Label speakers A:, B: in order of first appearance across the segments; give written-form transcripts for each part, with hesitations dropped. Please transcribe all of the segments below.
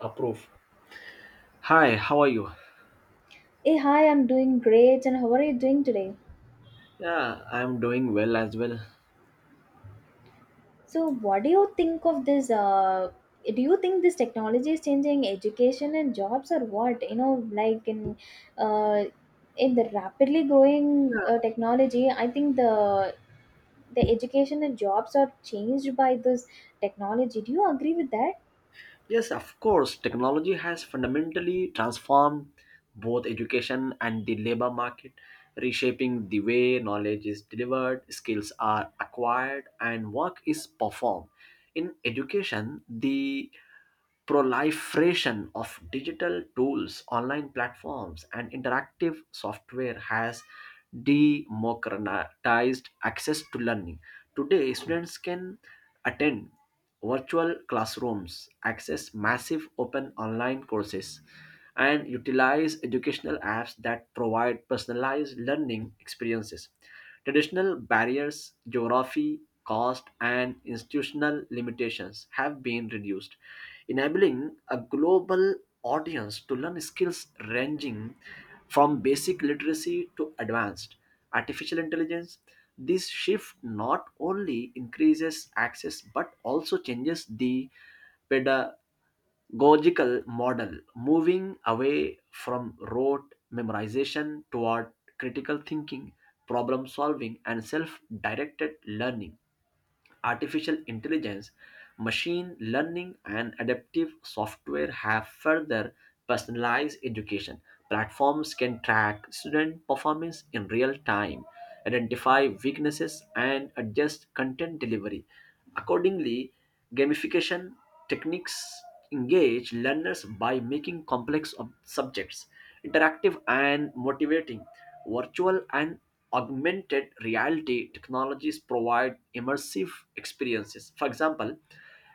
A: Approve. Hi, how are you?
B: Hey, hi, I'm doing great. And how are you doing today?
A: Yeah, I'm doing well as well.
B: So, what do you think of this? Do you think this technology is changing education and jobs, or what? You know, like uh, in the rapidly growing
A: Yeah.
B: technology, I think the education and jobs are changed by this technology. Do you agree with that?
A: Yes, of course, technology has fundamentally transformed both education and the labor market, reshaping the way knowledge is delivered, skills are acquired, and work is performed. In education, the proliferation of digital tools, online platforms, and interactive software has democratized access to learning. Today, students can attend virtual classrooms, access massive open online courses, and utilize educational apps that provide personalized learning experiences. Traditional barriers, geography, cost, and institutional limitations have been reduced, enabling a global audience to learn skills ranging from basic literacy to advanced artificial intelligence. This shift not only increases access but also changes the pedagogical model, moving away from rote memorization toward critical thinking, problem solving, and self directed learning. Artificial intelligence, machine learning, and adaptive software have further personalized education. Platforms can track student performance in real time, identify weaknesses, and adjust content delivery. Accordingly, gamification techniques engage learners by making complex subjects interactive and motivating. Virtual and augmented reality technologies provide immersive experiences. For example,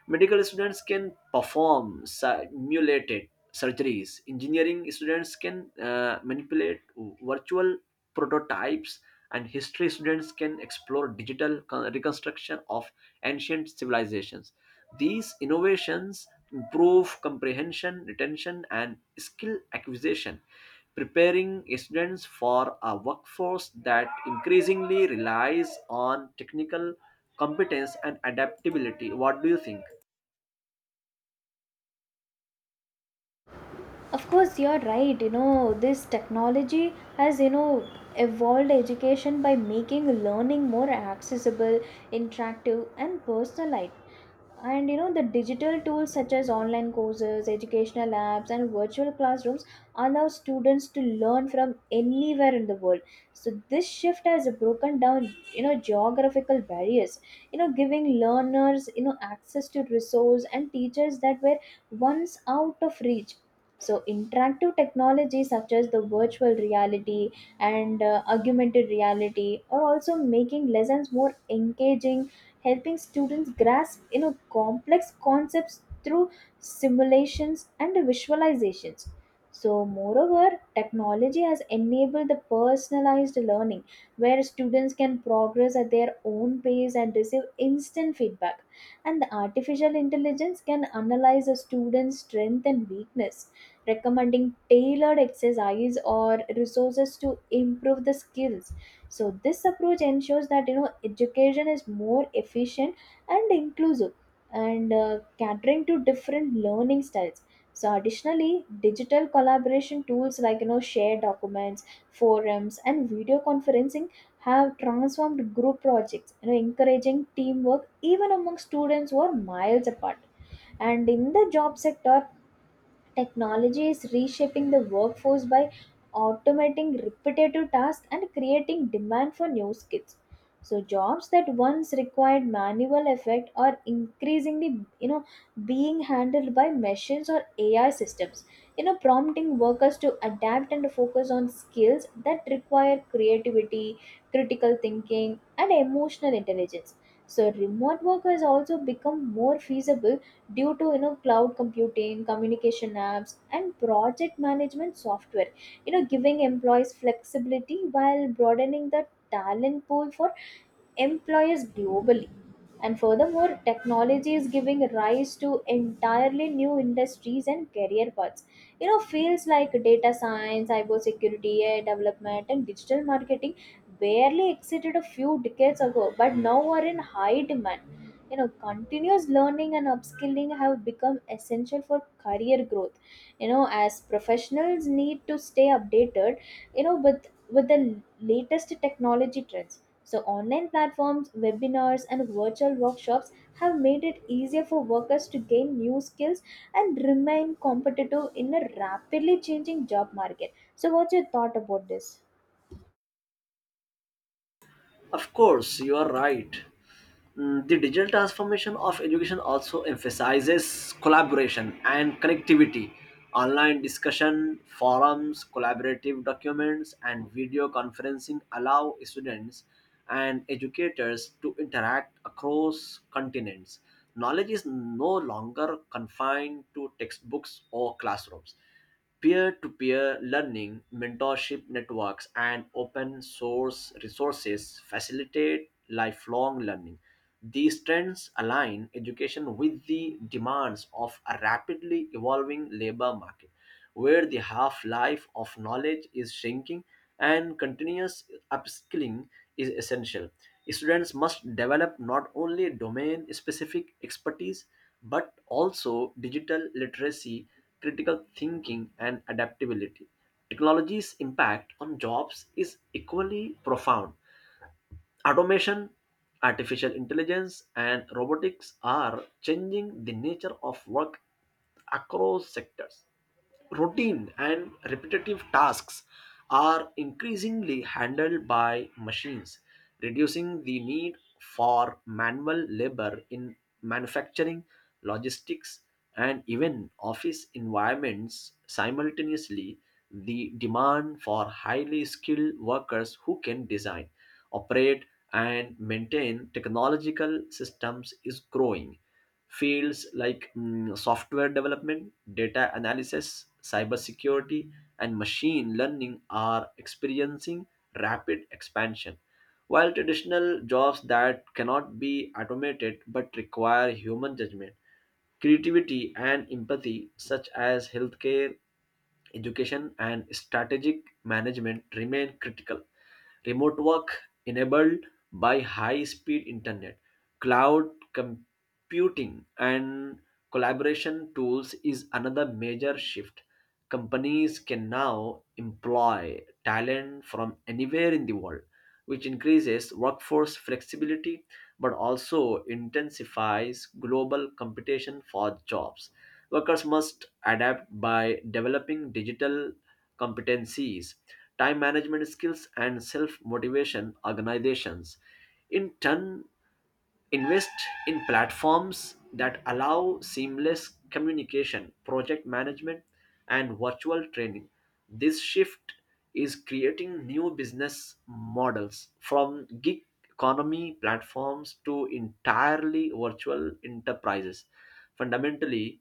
A: medical students can perform simulated surgeries. Engineering students can manipulate virtual prototypes, and history students can explore digital reconstruction of ancient civilizations. These innovations improve comprehension, retention, and skill acquisition, preparing students for a workforce that increasingly relies on technical competence and adaptability. What do you think?
B: Of course you're right, you know, this technology has, you know, evolved education by making learning more accessible, interactive, and personalized. And you know, the digital tools such as online courses, educational apps, and virtual classrooms allow students to learn from anywhere in the world. So this shift has broken down, you know, geographical barriers, you know, giving learners, you know, access to resources and teachers that were once out of reach. So interactive technology such as the virtual reality and augmented reality are also making lessons more engaging, helping students grasp, you know, complex concepts through simulations and visualizations. So moreover, technology has enabled the personalized learning where students can progress at their own pace and receive instant feedback. And the artificial intelligence can analyze a student's strength and weakness, recommending tailored exercise or resources to improve the skills. So this approach ensures that, you know, education is more efficient and inclusive, and catering to different learning styles. So additionally, digital collaboration tools like, you know, shared documents, forums, and video conferencing have transformed group projects, you know, encouraging teamwork even among students who are miles apart. And in the job sector, technology is reshaping the workforce by automating repetitive tasks and creating demand for new skills. So jobs that once required manual effort are increasingly, you know, being handled by machines or AI systems. You know, prompting workers to adapt and focus on skills that require creativity, critical thinking, and emotional intelligence. So remote work has also become more feasible due to, you know, cloud computing, communication apps, and project management software, you know, giving employees flexibility while broadening the talent pool for employers globally. And furthermore, technology is giving rise to entirely new industries and career paths. You know, fields like data science, cybersecurity, AI development, and digital marketing barely existed a few decades ago, but now are in high demand. You know, continuous learning and upskilling have become essential for career growth, you know, as professionals need to stay updated, you know, with the latest technology trends. So online platforms, webinars, and virtual workshops have made it easier for workers to gain new skills and remain competitive in a rapidly changing job market. So what's your thought about this?
A: Of course, you are right. Mm, the digital transformation of education also emphasizes collaboration and connectivity. Online discussion, forums, collaborative documents, and video conferencing allow students and educators to interact across continents. Knowledge is no longer confined to textbooks or classrooms. Peer-to-peer learning, mentorship networks, and open source resources facilitate lifelong learning. These trends align education with the demands of a rapidly evolving labor market where the half life of knowledge is shrinking and continuous upskilling is essential. Students must develop not only domain specific expertise but also digital literacy, critical thinking, and adaptability. Technology's impact on jobs is equally profound. Automation, artificial intelligence, and robotics are changing the nature of work across sectors. Routine and repetitive tasks are increasingly handled by machines, reducing the need for manual labor in manufacturing, logistics, and even office environments. Simultaneously, the demand for highly skilled workers who can design, operate, and maintain technological systems is growing. Fields like software development, data analysis, cybersecurity, and machine learning are experiencing rapid expansion, while traditional jobs that cannot be automated but require human judgment, creativity, and empathy, such as healthcare, education, and strategic management, remain critical. Remote work enabled by high speed internet, cloud computing, and collaboration tools is another major shift. Companies can now employ talent from anywhere in the world, which increases workforce flexibility but also intensifies global competition for jobs. Workers must adapt by developing digital competencies, time management skills, and self motivation. Organizations, in turn, invest in platforms that allow seamless communication, project management, and virtual training. This shift is creating new business models, from gig economy platforms to entirely virtual enterprises, fundamentally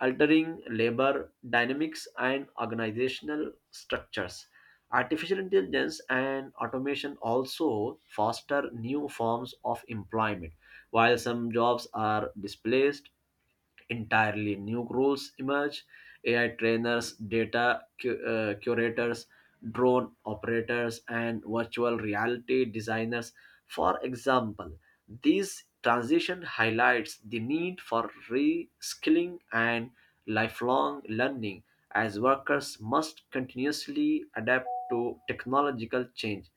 A: altering labor dynamics and organizational structures. Artificial intelligence and automation also foster new forms of employment. While some jobs are displaced, entirely new roles emerge. AI trainers, curators, drone operators, and virtual reality designers, for example. This transition highlights the need for reskilling and lifelong learning, as workers must continuously adapt to technological change.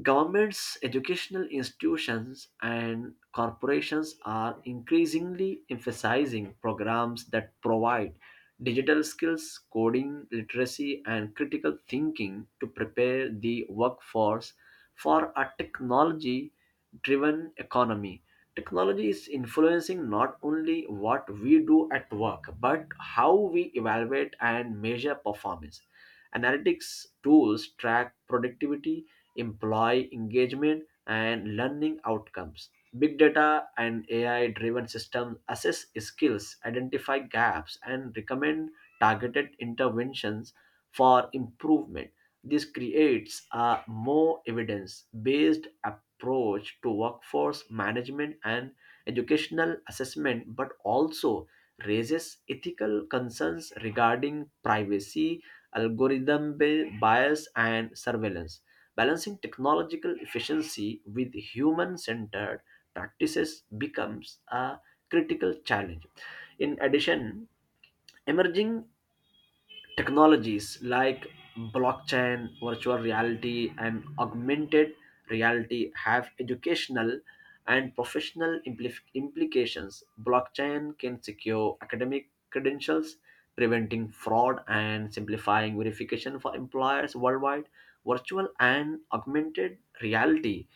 A: Governments, educational institutions, and corporations are increasingly emphasizing programs that provide digital skills, coding, literacy, and critical thinking to prepare the workforce for a technology driven economy. Technology is influencing not only what we do at work, but how we evaluate and measure performance. Analytics tools track productivity, employee engagement, and learning outcomes. Big data and AI driven systems assess skills, identify gaps, and recommend targeted interventions for improvement. This creates a more evidence based approach to workforce management and educational assessment, but also raises ethical concerns regarding privacy, bias, and surveillance. Balancing technological efficiency with human centered practices becomes a critical challenge. In addition, emerging technologies like blockchain, virtual reality, and augmented reality have educational and professional implications. Blockchain can secure academic credentials, preventing fraud and simplifying verification for employers worldwide. Virtual and augmented reality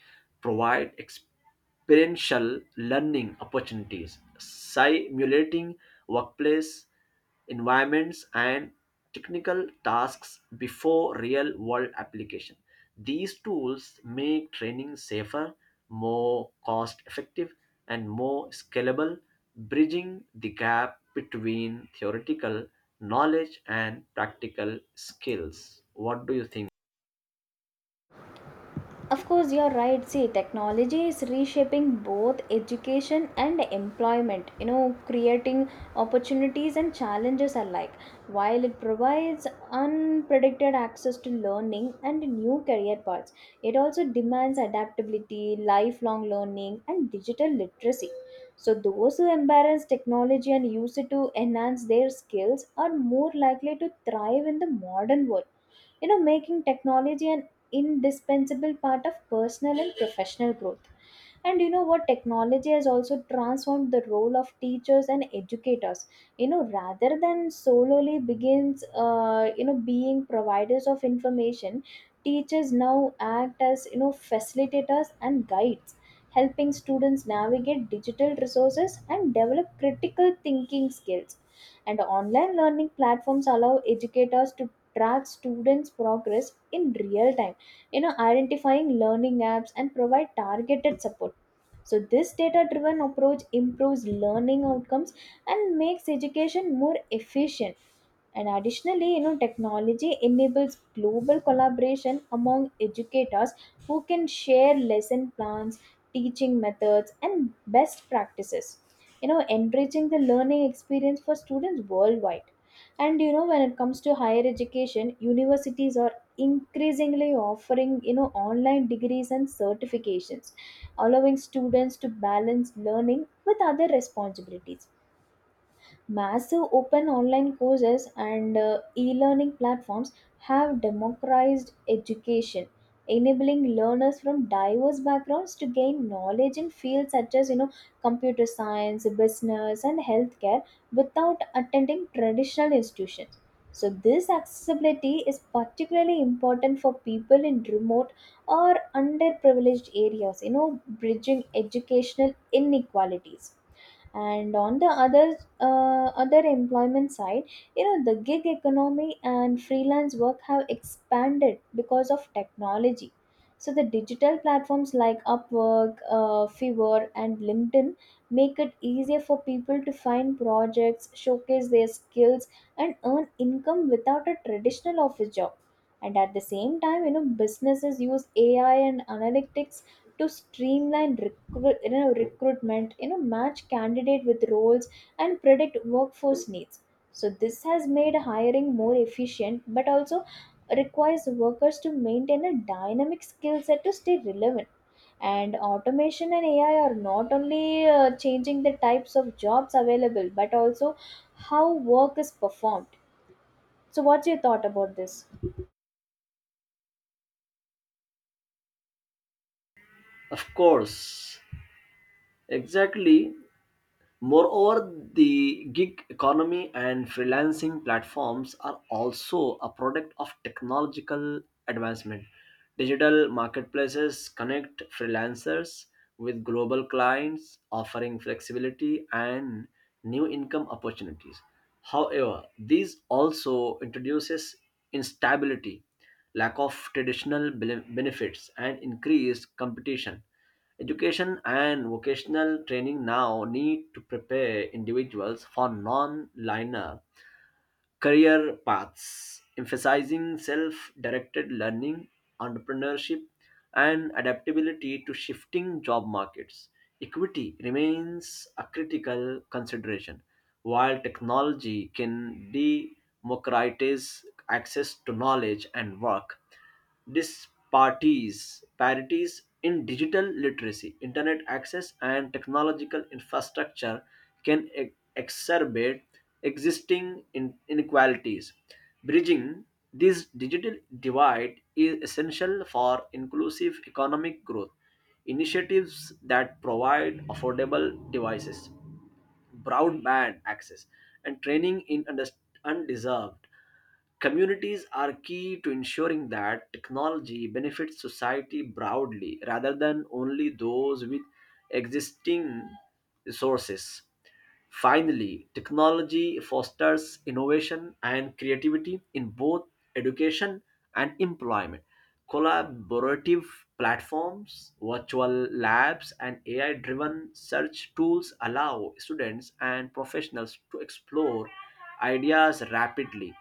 A: provide experiential learning opportunities, simulating workplace environments and technical tasks before real world application. These tools make training safer, more cost effective, and more scalable, bridging the gap between theoretical knowledge and practical skills. What do you think?
B: Of course, you're right. See, technology is reshaping both education and employment, you know, creating opportunities and challenges alike. While it provides unpredicted access to learning and new career paths, it also demands adaptability, lifelong learning, and digital literacy. So, those who embrace technology and use it to enhance their skills are more likely to thrive in the modern world, you know, making technology an indispensable part of personal and professional growth. And you know what? Technology has also transformed the role of teachers and educators. You know, rather than solely begins, you know, being providers of information, teachers now act as, you know, facilitators and guides, helping students navigate digital resources and develop critical thinking skills. And online learning platforms allow educators to track students' progress in real time, you know, identifying learning gaps and provide targeted support. So this data driven approach improves learning outcomes and makes education more efficient. And additionally, you know, technology enables global collaboration among educators who can share lesson plans, teaching methods, and best practices, you know, enriching the learning experience for students worldwide. And you know, when it comes to higher education, universities are increasingly offering, you know, online degrees and certifications, allowing students to balance learning with other responsibilities. Massive open online courses and e learning platforms have democratized education, enabling learners from diverse backgrounds to gain knowledge in fields such as, you know, computer science, business, and healthcare without attending traditional institutions. So, this accessibility is particularly important for people in remote or underprivileged areas, you know, bridging educational inequalities. And on the other employment side, you know, the gig economy and freelance work have expanded because of technology. So the digital platforms like upwork, fiverr, and linkedin make it easier for people to find projects, showcase their skills, and earn income without a traditional office job. And at the same time, you know, businesses use ai and analytics to streamline you know, recruitment, you know, match candidate with roles and predict workforce needs. So this has made hiring more efficient, but also requires workers to maintain a dynamic skill set to stay relevant. And automation and AI are not only changing the types of jobs available, but also how work is performed. So, what's your thought about this?
A: Of course, exactly. Moreover, the gig economy and freelancing platforms are also a product of technological advancement. Digital marketplaces connect freelancers with global clients, offering flexibility and new income opportunities. However, these also introduces instability, lack of benefits, and increased competition. Education and vocational training now need to prepare individuals for non linear career paths, emphasizing self directed learning, entrepreneurship, and adaptability to shifting job markets. Equity remains a critical consideration. While technology can democratize access to knowledge and work, disparities parities in digital literacy, internet access, and technological infrastructure can exacerbate inequalities. Bridging this digital divide is essential for inclusive economic growth. Initiatives that provide affordable devices, broadband access, and training in undeserved communities are key to ensuring that technology benefits society broadly rather than only those with existing resources. Finally, technology fosters innovation and creativity in both education and employment. Collaborative platforms, virtual labs, and AI driven search tools allow students and professionals to explore ideas rapidly,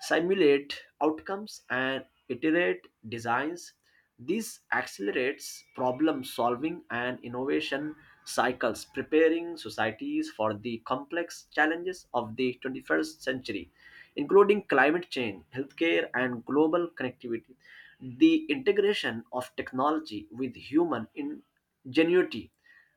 A: simulate outcomes, and iterate designs. This accelerates problem solving and innovation cycles, preparing societies for the complex challenges of the 21st century, including climate change, healthcare, and global connectivity. The integration of technology with human ingenuity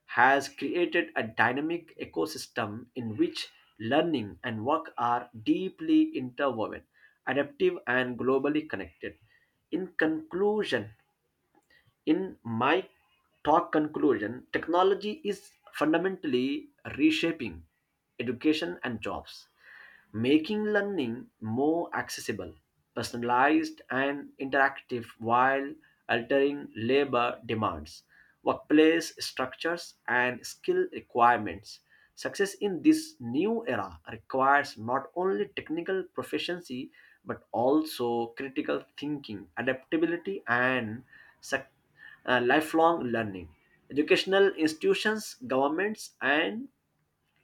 A: has created a dynamic ecosystem in which learning and work are deeply interwoven, adaptive, and globally connected. In conclusion, in my talk conclusion, technology is fundamentally reshaping education and jobs, making learning more accessible, personalized, and interactive, while altering labor demands, workplace structures, and skill requirements. Success in this new era requires not only technical proficiency but also critical thinking, adaptability, and suc- lifelong learning. Educational institutions, governments, and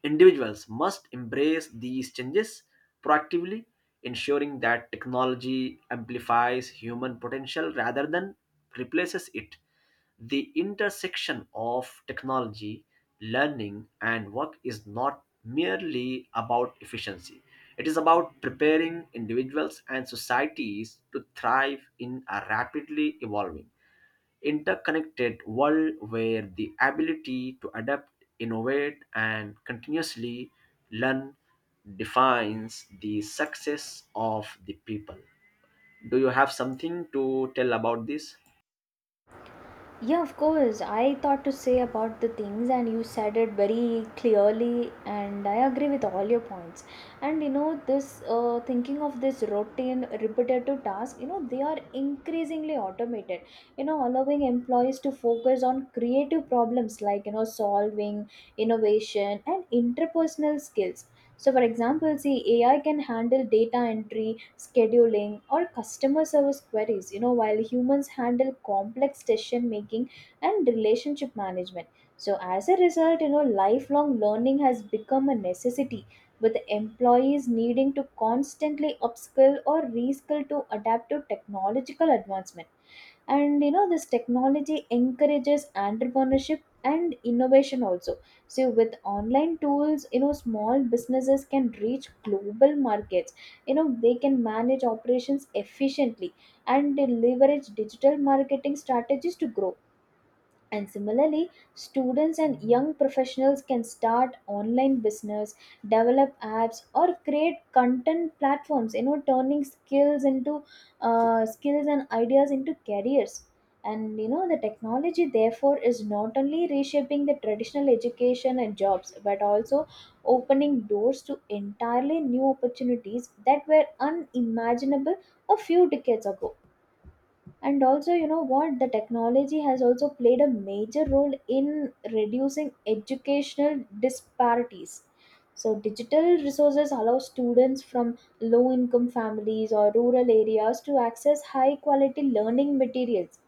A: individuals must embrace these changes proactively, ensuring that technology amplifies human potential rather than replaces it. The intersection of technology, learning, and work is not merely about efficiency, it is about preparing individuals and societies to thrive in a rapidly evolving, interconnected world where the ability to adapt, innovate, and continuously learn defines the success of the people. Do you have something to tell about this?
B: Yeah, of course. I thought to say about the things, and you said it very clearly, and I agree with all your points. And you know, this thinking of this routine, repetitive task, you know, they are increasingly automated, you know, allowing employees to focus on creative problems like, you know, solving, innovation, and interpersonal skills. So, for example, see, AI can handle data entry, scheduling, or customer service queries, you know, while humans handle complex decision making and relationship management. So, as a result, you know, lifelong learning has become a necessity, with employees needing to constantly upskill or reskill to adapt to technological advancement. And you know, this technology encourages entrepreneurship and innovation also. So with online tools, you know, small businesses can reach global markets, you know, they can manage operations efficiently, and they leverage digital marketing strategies to grow. And similarly, students and young professionals can start online business, develop apps, or create content platforms, you know, turning skills into skills and ideas into careers. And you know, the technology therefore is not only reshaping the traditional education and jobs, but also opening doors to entirely new opportunities that were unimaginable a few decades ago. And also you know what, the technology has also played a major role in reducing educational disparities. So digital resources allow students from low income families or rural areas to access high quality learning materials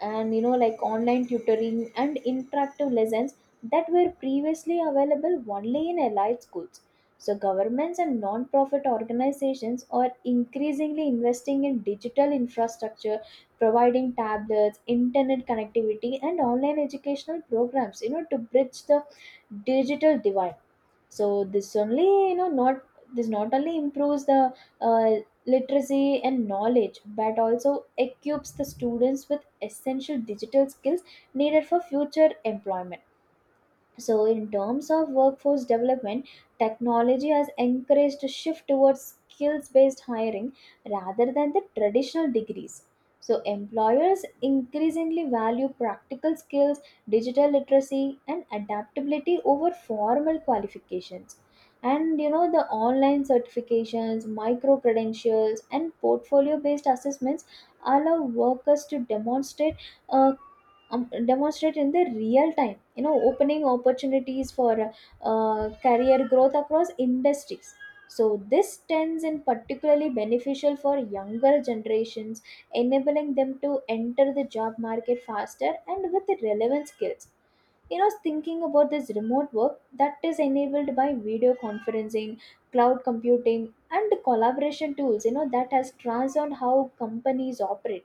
B: and, you know, like online tutoring and interactive lessons that were previously available only in elite schools. So governments and non-profit organizations are increasingly investing in digital infrastructure, providing tablets, internet connectivity, and online educational programs, you know, to bridge the digital divide. So this only you know not this not only improves the uh, literacy and knowledge but also equips the students with essential digital skills needed for future employment. So, in terms of workforce development, technology has encouraged a shift towards skills based hiring rather than the traditional degrees. So, employers increasingly value practical skills, digital literacy, and adaptability over formal qualifications. And you know, the online certifications, micro credentials, and portfolio based assessments allow workers to demonstrate uh, demonstrate in the real time, you know, opening opportunities for career growth across industries. So this tends in particularly beneficial for younger generations, enabling them to enter the job market faster and with the relevant skills. You know, thinking about this remote work that is enabled by video conferencing, cloud computing, and collaboration tools, you know, that has transformed how companies operate.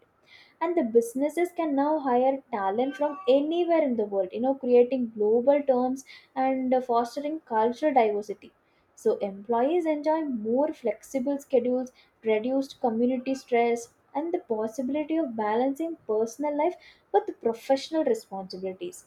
B: And the businesses can now hire talent from anywhere in the world, you know, creating global terms and fostering cultural diversity. So employees enjoy more flexible schedules, reduced community stress, and the possibility of balancing personal life with professional responsibilities.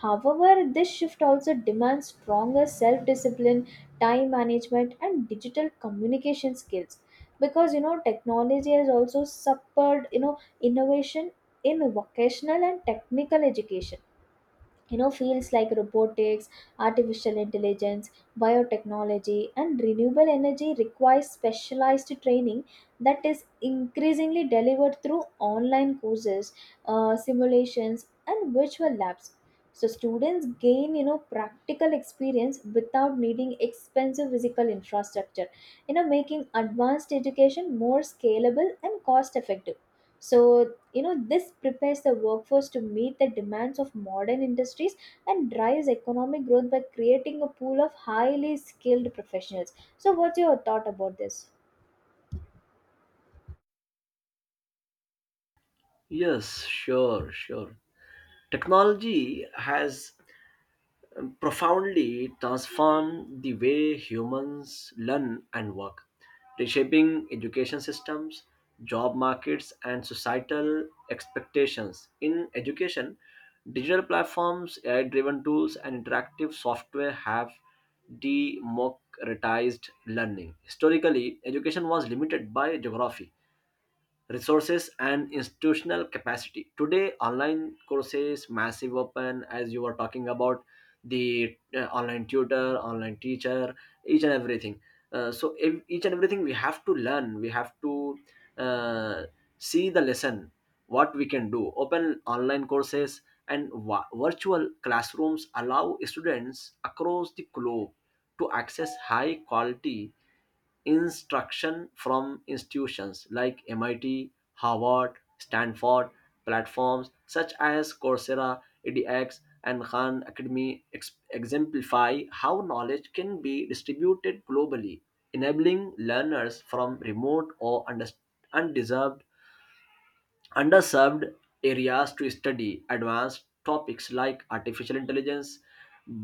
B: However, this shift also demands stronger self discipline, time management, and digital communication skills. Because you know, technology has also supported, you know, innovation in vocational and technical education. You know, fields like robotics, artificial intelligence, biotechnology, and renewable energy require specialized training that is increasingly delivered through online courses, simulations, and virtual labs. So students gain, you know, practical experience without needing expensive physical infrastructure, you know, making advanced education more scalable and cost effective. So, you know, this prepares the workforce to meet the demands of modern industries and drives economic growth by creating a pool of highly skilled professionals. So what's your thought about this?
A: Yes, sure, sure. Technology has profoundly transformed the way humans learn and work, reshaping education systems, job markets, and societal expectations. In education, digital platforms, AI driven tools, and interactive software have democratized learning. Historically, education was limited by geography, resources, and institutional capacity. Today, online courses, massive open, as you were talking about, the online tutor, online teacher, each and everything, each and everything we have to learn, we have to uh, see the lesson, what we can do, open online courses and virtual classrooms allow students across the globe to access high quality instruction from institutions like MIT, Harvard, Stanford. Platforms such as Coursera, edX, and Khan Academy exemplify how knowledge can be distributed globally, enabling learners from remote or undes- undeserved underserved areas to study advanced topics like artificial intelligence,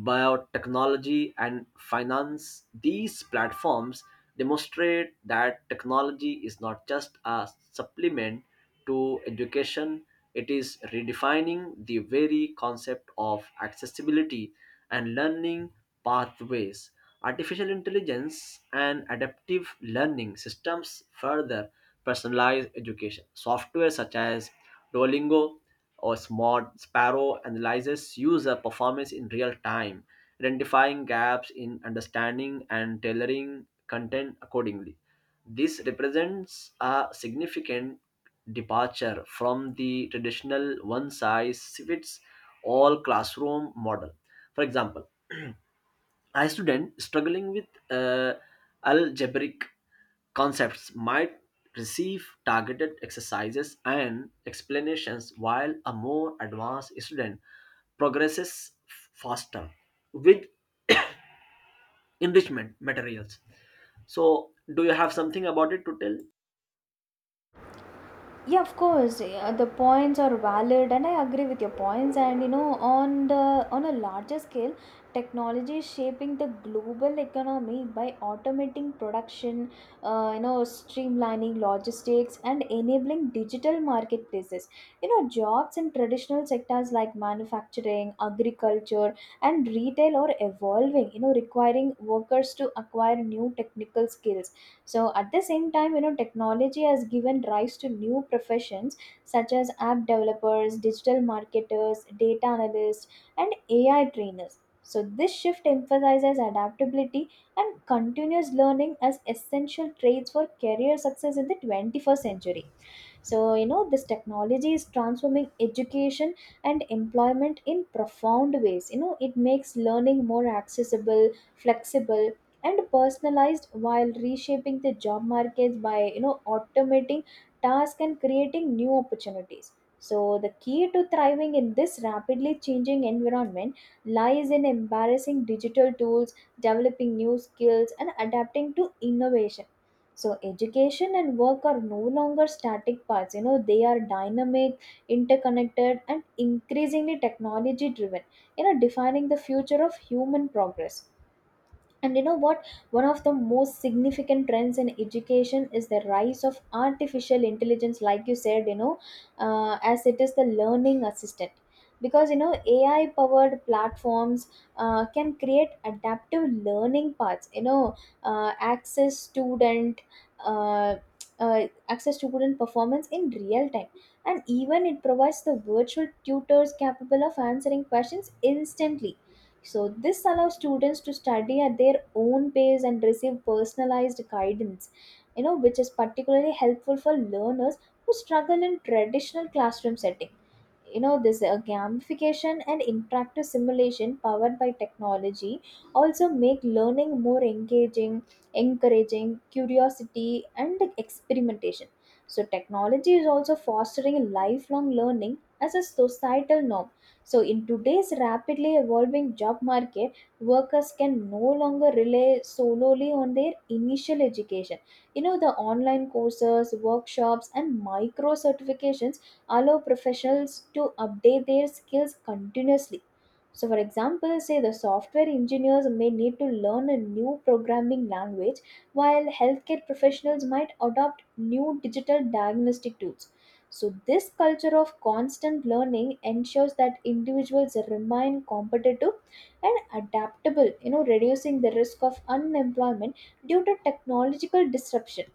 A: biotechnology, and finance. These platforms demonstrate that technology is not just a supplement to education, it is redefining the very concept of accessibility and learning pathways. Artificial intelligence and adaptive learning systems further personalized education. Software such as Duolingo or Smart Sparrow analyzes user performance in real time, identifying gaps in understanding and tailoring content accordingly. This represents a significant departure from the traditional one size fits all classroom model. For example, a student struggling with uh, algebraic concepts might receive targeted exercises and explanations, while a more advanced student progresses faster with enrichment materials. So, do you have something about it to tell?
B: Yeah, of course. Yeah, the points are valid, and I agree with your points. And you know, on the on a larger scale, technology is shaping the global economy by automating production, you know, streamlining logistics, and enabling digital marketplaces. You know, jobs in traditional sectors like manufacturing, agriculture, and retail are evolving. You know, requiring workers to acquire new technical skills. So at the same time, technology has given rise to new professions such as app developers, digital marketers, data analysts, and AI trainers. So this shift emphasizes adaptability and continuous learning as essential traits for career success in the 21st century. So, this technology is transforming education and employment in profound ways. It makes learning more accessible, flexible, and personalized, while reshaping the job markets by automating tasks and creating new opportunities. So the key to thriving in this rapidly changing environment lies in embracing digital tools, developing new skills, and adapting to innovation. So education and work are no longer static paths. They are dynamic, interconnected, and increasingly technology driven, defining the future of human progress. And you know what? One of the most significant trends in education is the rise of artificial intelligence, like you said. As it is the learning assistant. Because, AI powered platforms can create adaptive learning paths, access student. Uh, Access student performance in real time, and even it provides the virtual tutors capable of answering questions instantly. So this allows students to study at their own pace and receive personalized guidance, which is particularly helpful for learners who struggle in traditional classroom setting. This gamification and interactive simulation powered by technology also make learning more engaging, encouraging curiosity and experimentation. So, technology is also fostering lifelong learning as a societal norm. So, in today's rapidly evolving job market, workers can no longer rely solely on their initial education. The online courses, workshops, and micro certifications allow professionals to update their skills continuously. So, for example, say the software engineers may need to learn a new programming language, while healthcare professionals might adopt new digital diagnostic tools. So, this culture of constant learning ensures that individuals remain competitive and adaptable, reducing the risk of unemployment due to technological disruption.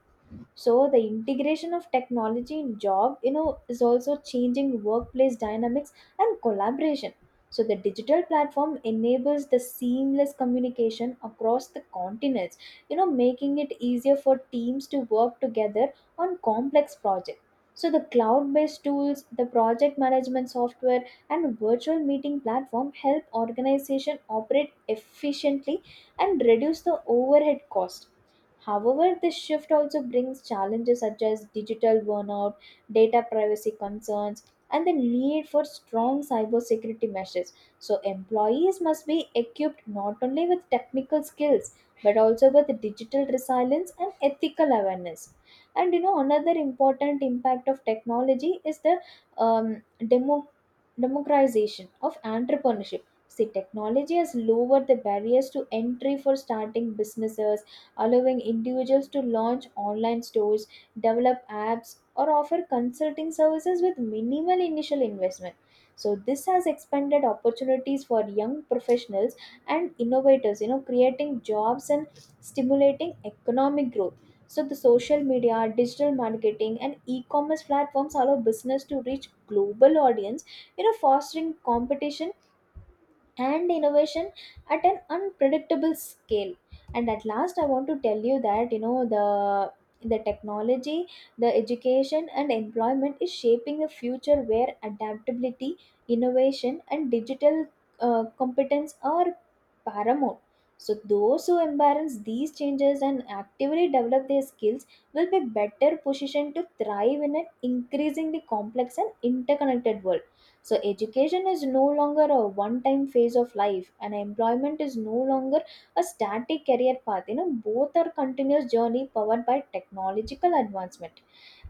B: So the integration of technology in job, is also changing workplace dynamics and collaboration. So the digital platform enables the seamless communication across the continents, making it easier for teams to work together on complex projects. So the cloud-based tools, the project management software, and virtual meeting platform help organization operate efficiently and reduce the overhead cost. However, this shift also brings challenges such as digital burnout, data privacy concerns, and the need for strong cybersecurity measures. So, employees must be equipped not only with technical skills but also with digital resilience and ethical awareness. And another important impact of technology is the um, demo, democratization of entrepreneurship. See, technology has lowered the barriers to entry for starting businesses, allowing individuals to launch online stores, develop apps, or offer consulting services with minimal initial investment. So this has expanded opportunities for young professionals and innovators, creating jobs and stimulating economic growth. So the social media, digital marketing, and e-commerce platforms allow business to reach global audience, fostering competition and innovation at an unpredictable scale. And at last I want to tell you that the technology, the education and employment is shaping a future where adaptability, innovation, and digital competence are paramount. So those who embrace these changes and actively develop their skills will be better positioned to thrive in an increasingly complex and interconnected world. So, education is no longer a one time phase of life, and employment is no longer a static career path. Both are continuous journey powered by technological advancement.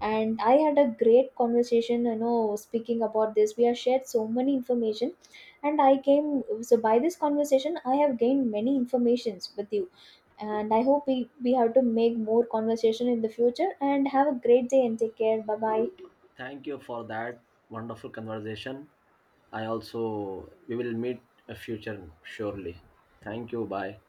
B: And I had a great conversation, speaking about this. We have shared so many information, and I came so by this conversation, I have gained many informations with you. And I hope we have to make more conversation in the future. And have a great day and take care. Bye bye.
A: Thank you for that wonderful conversation. I also, we will meet a future surely. Thank you. Bye.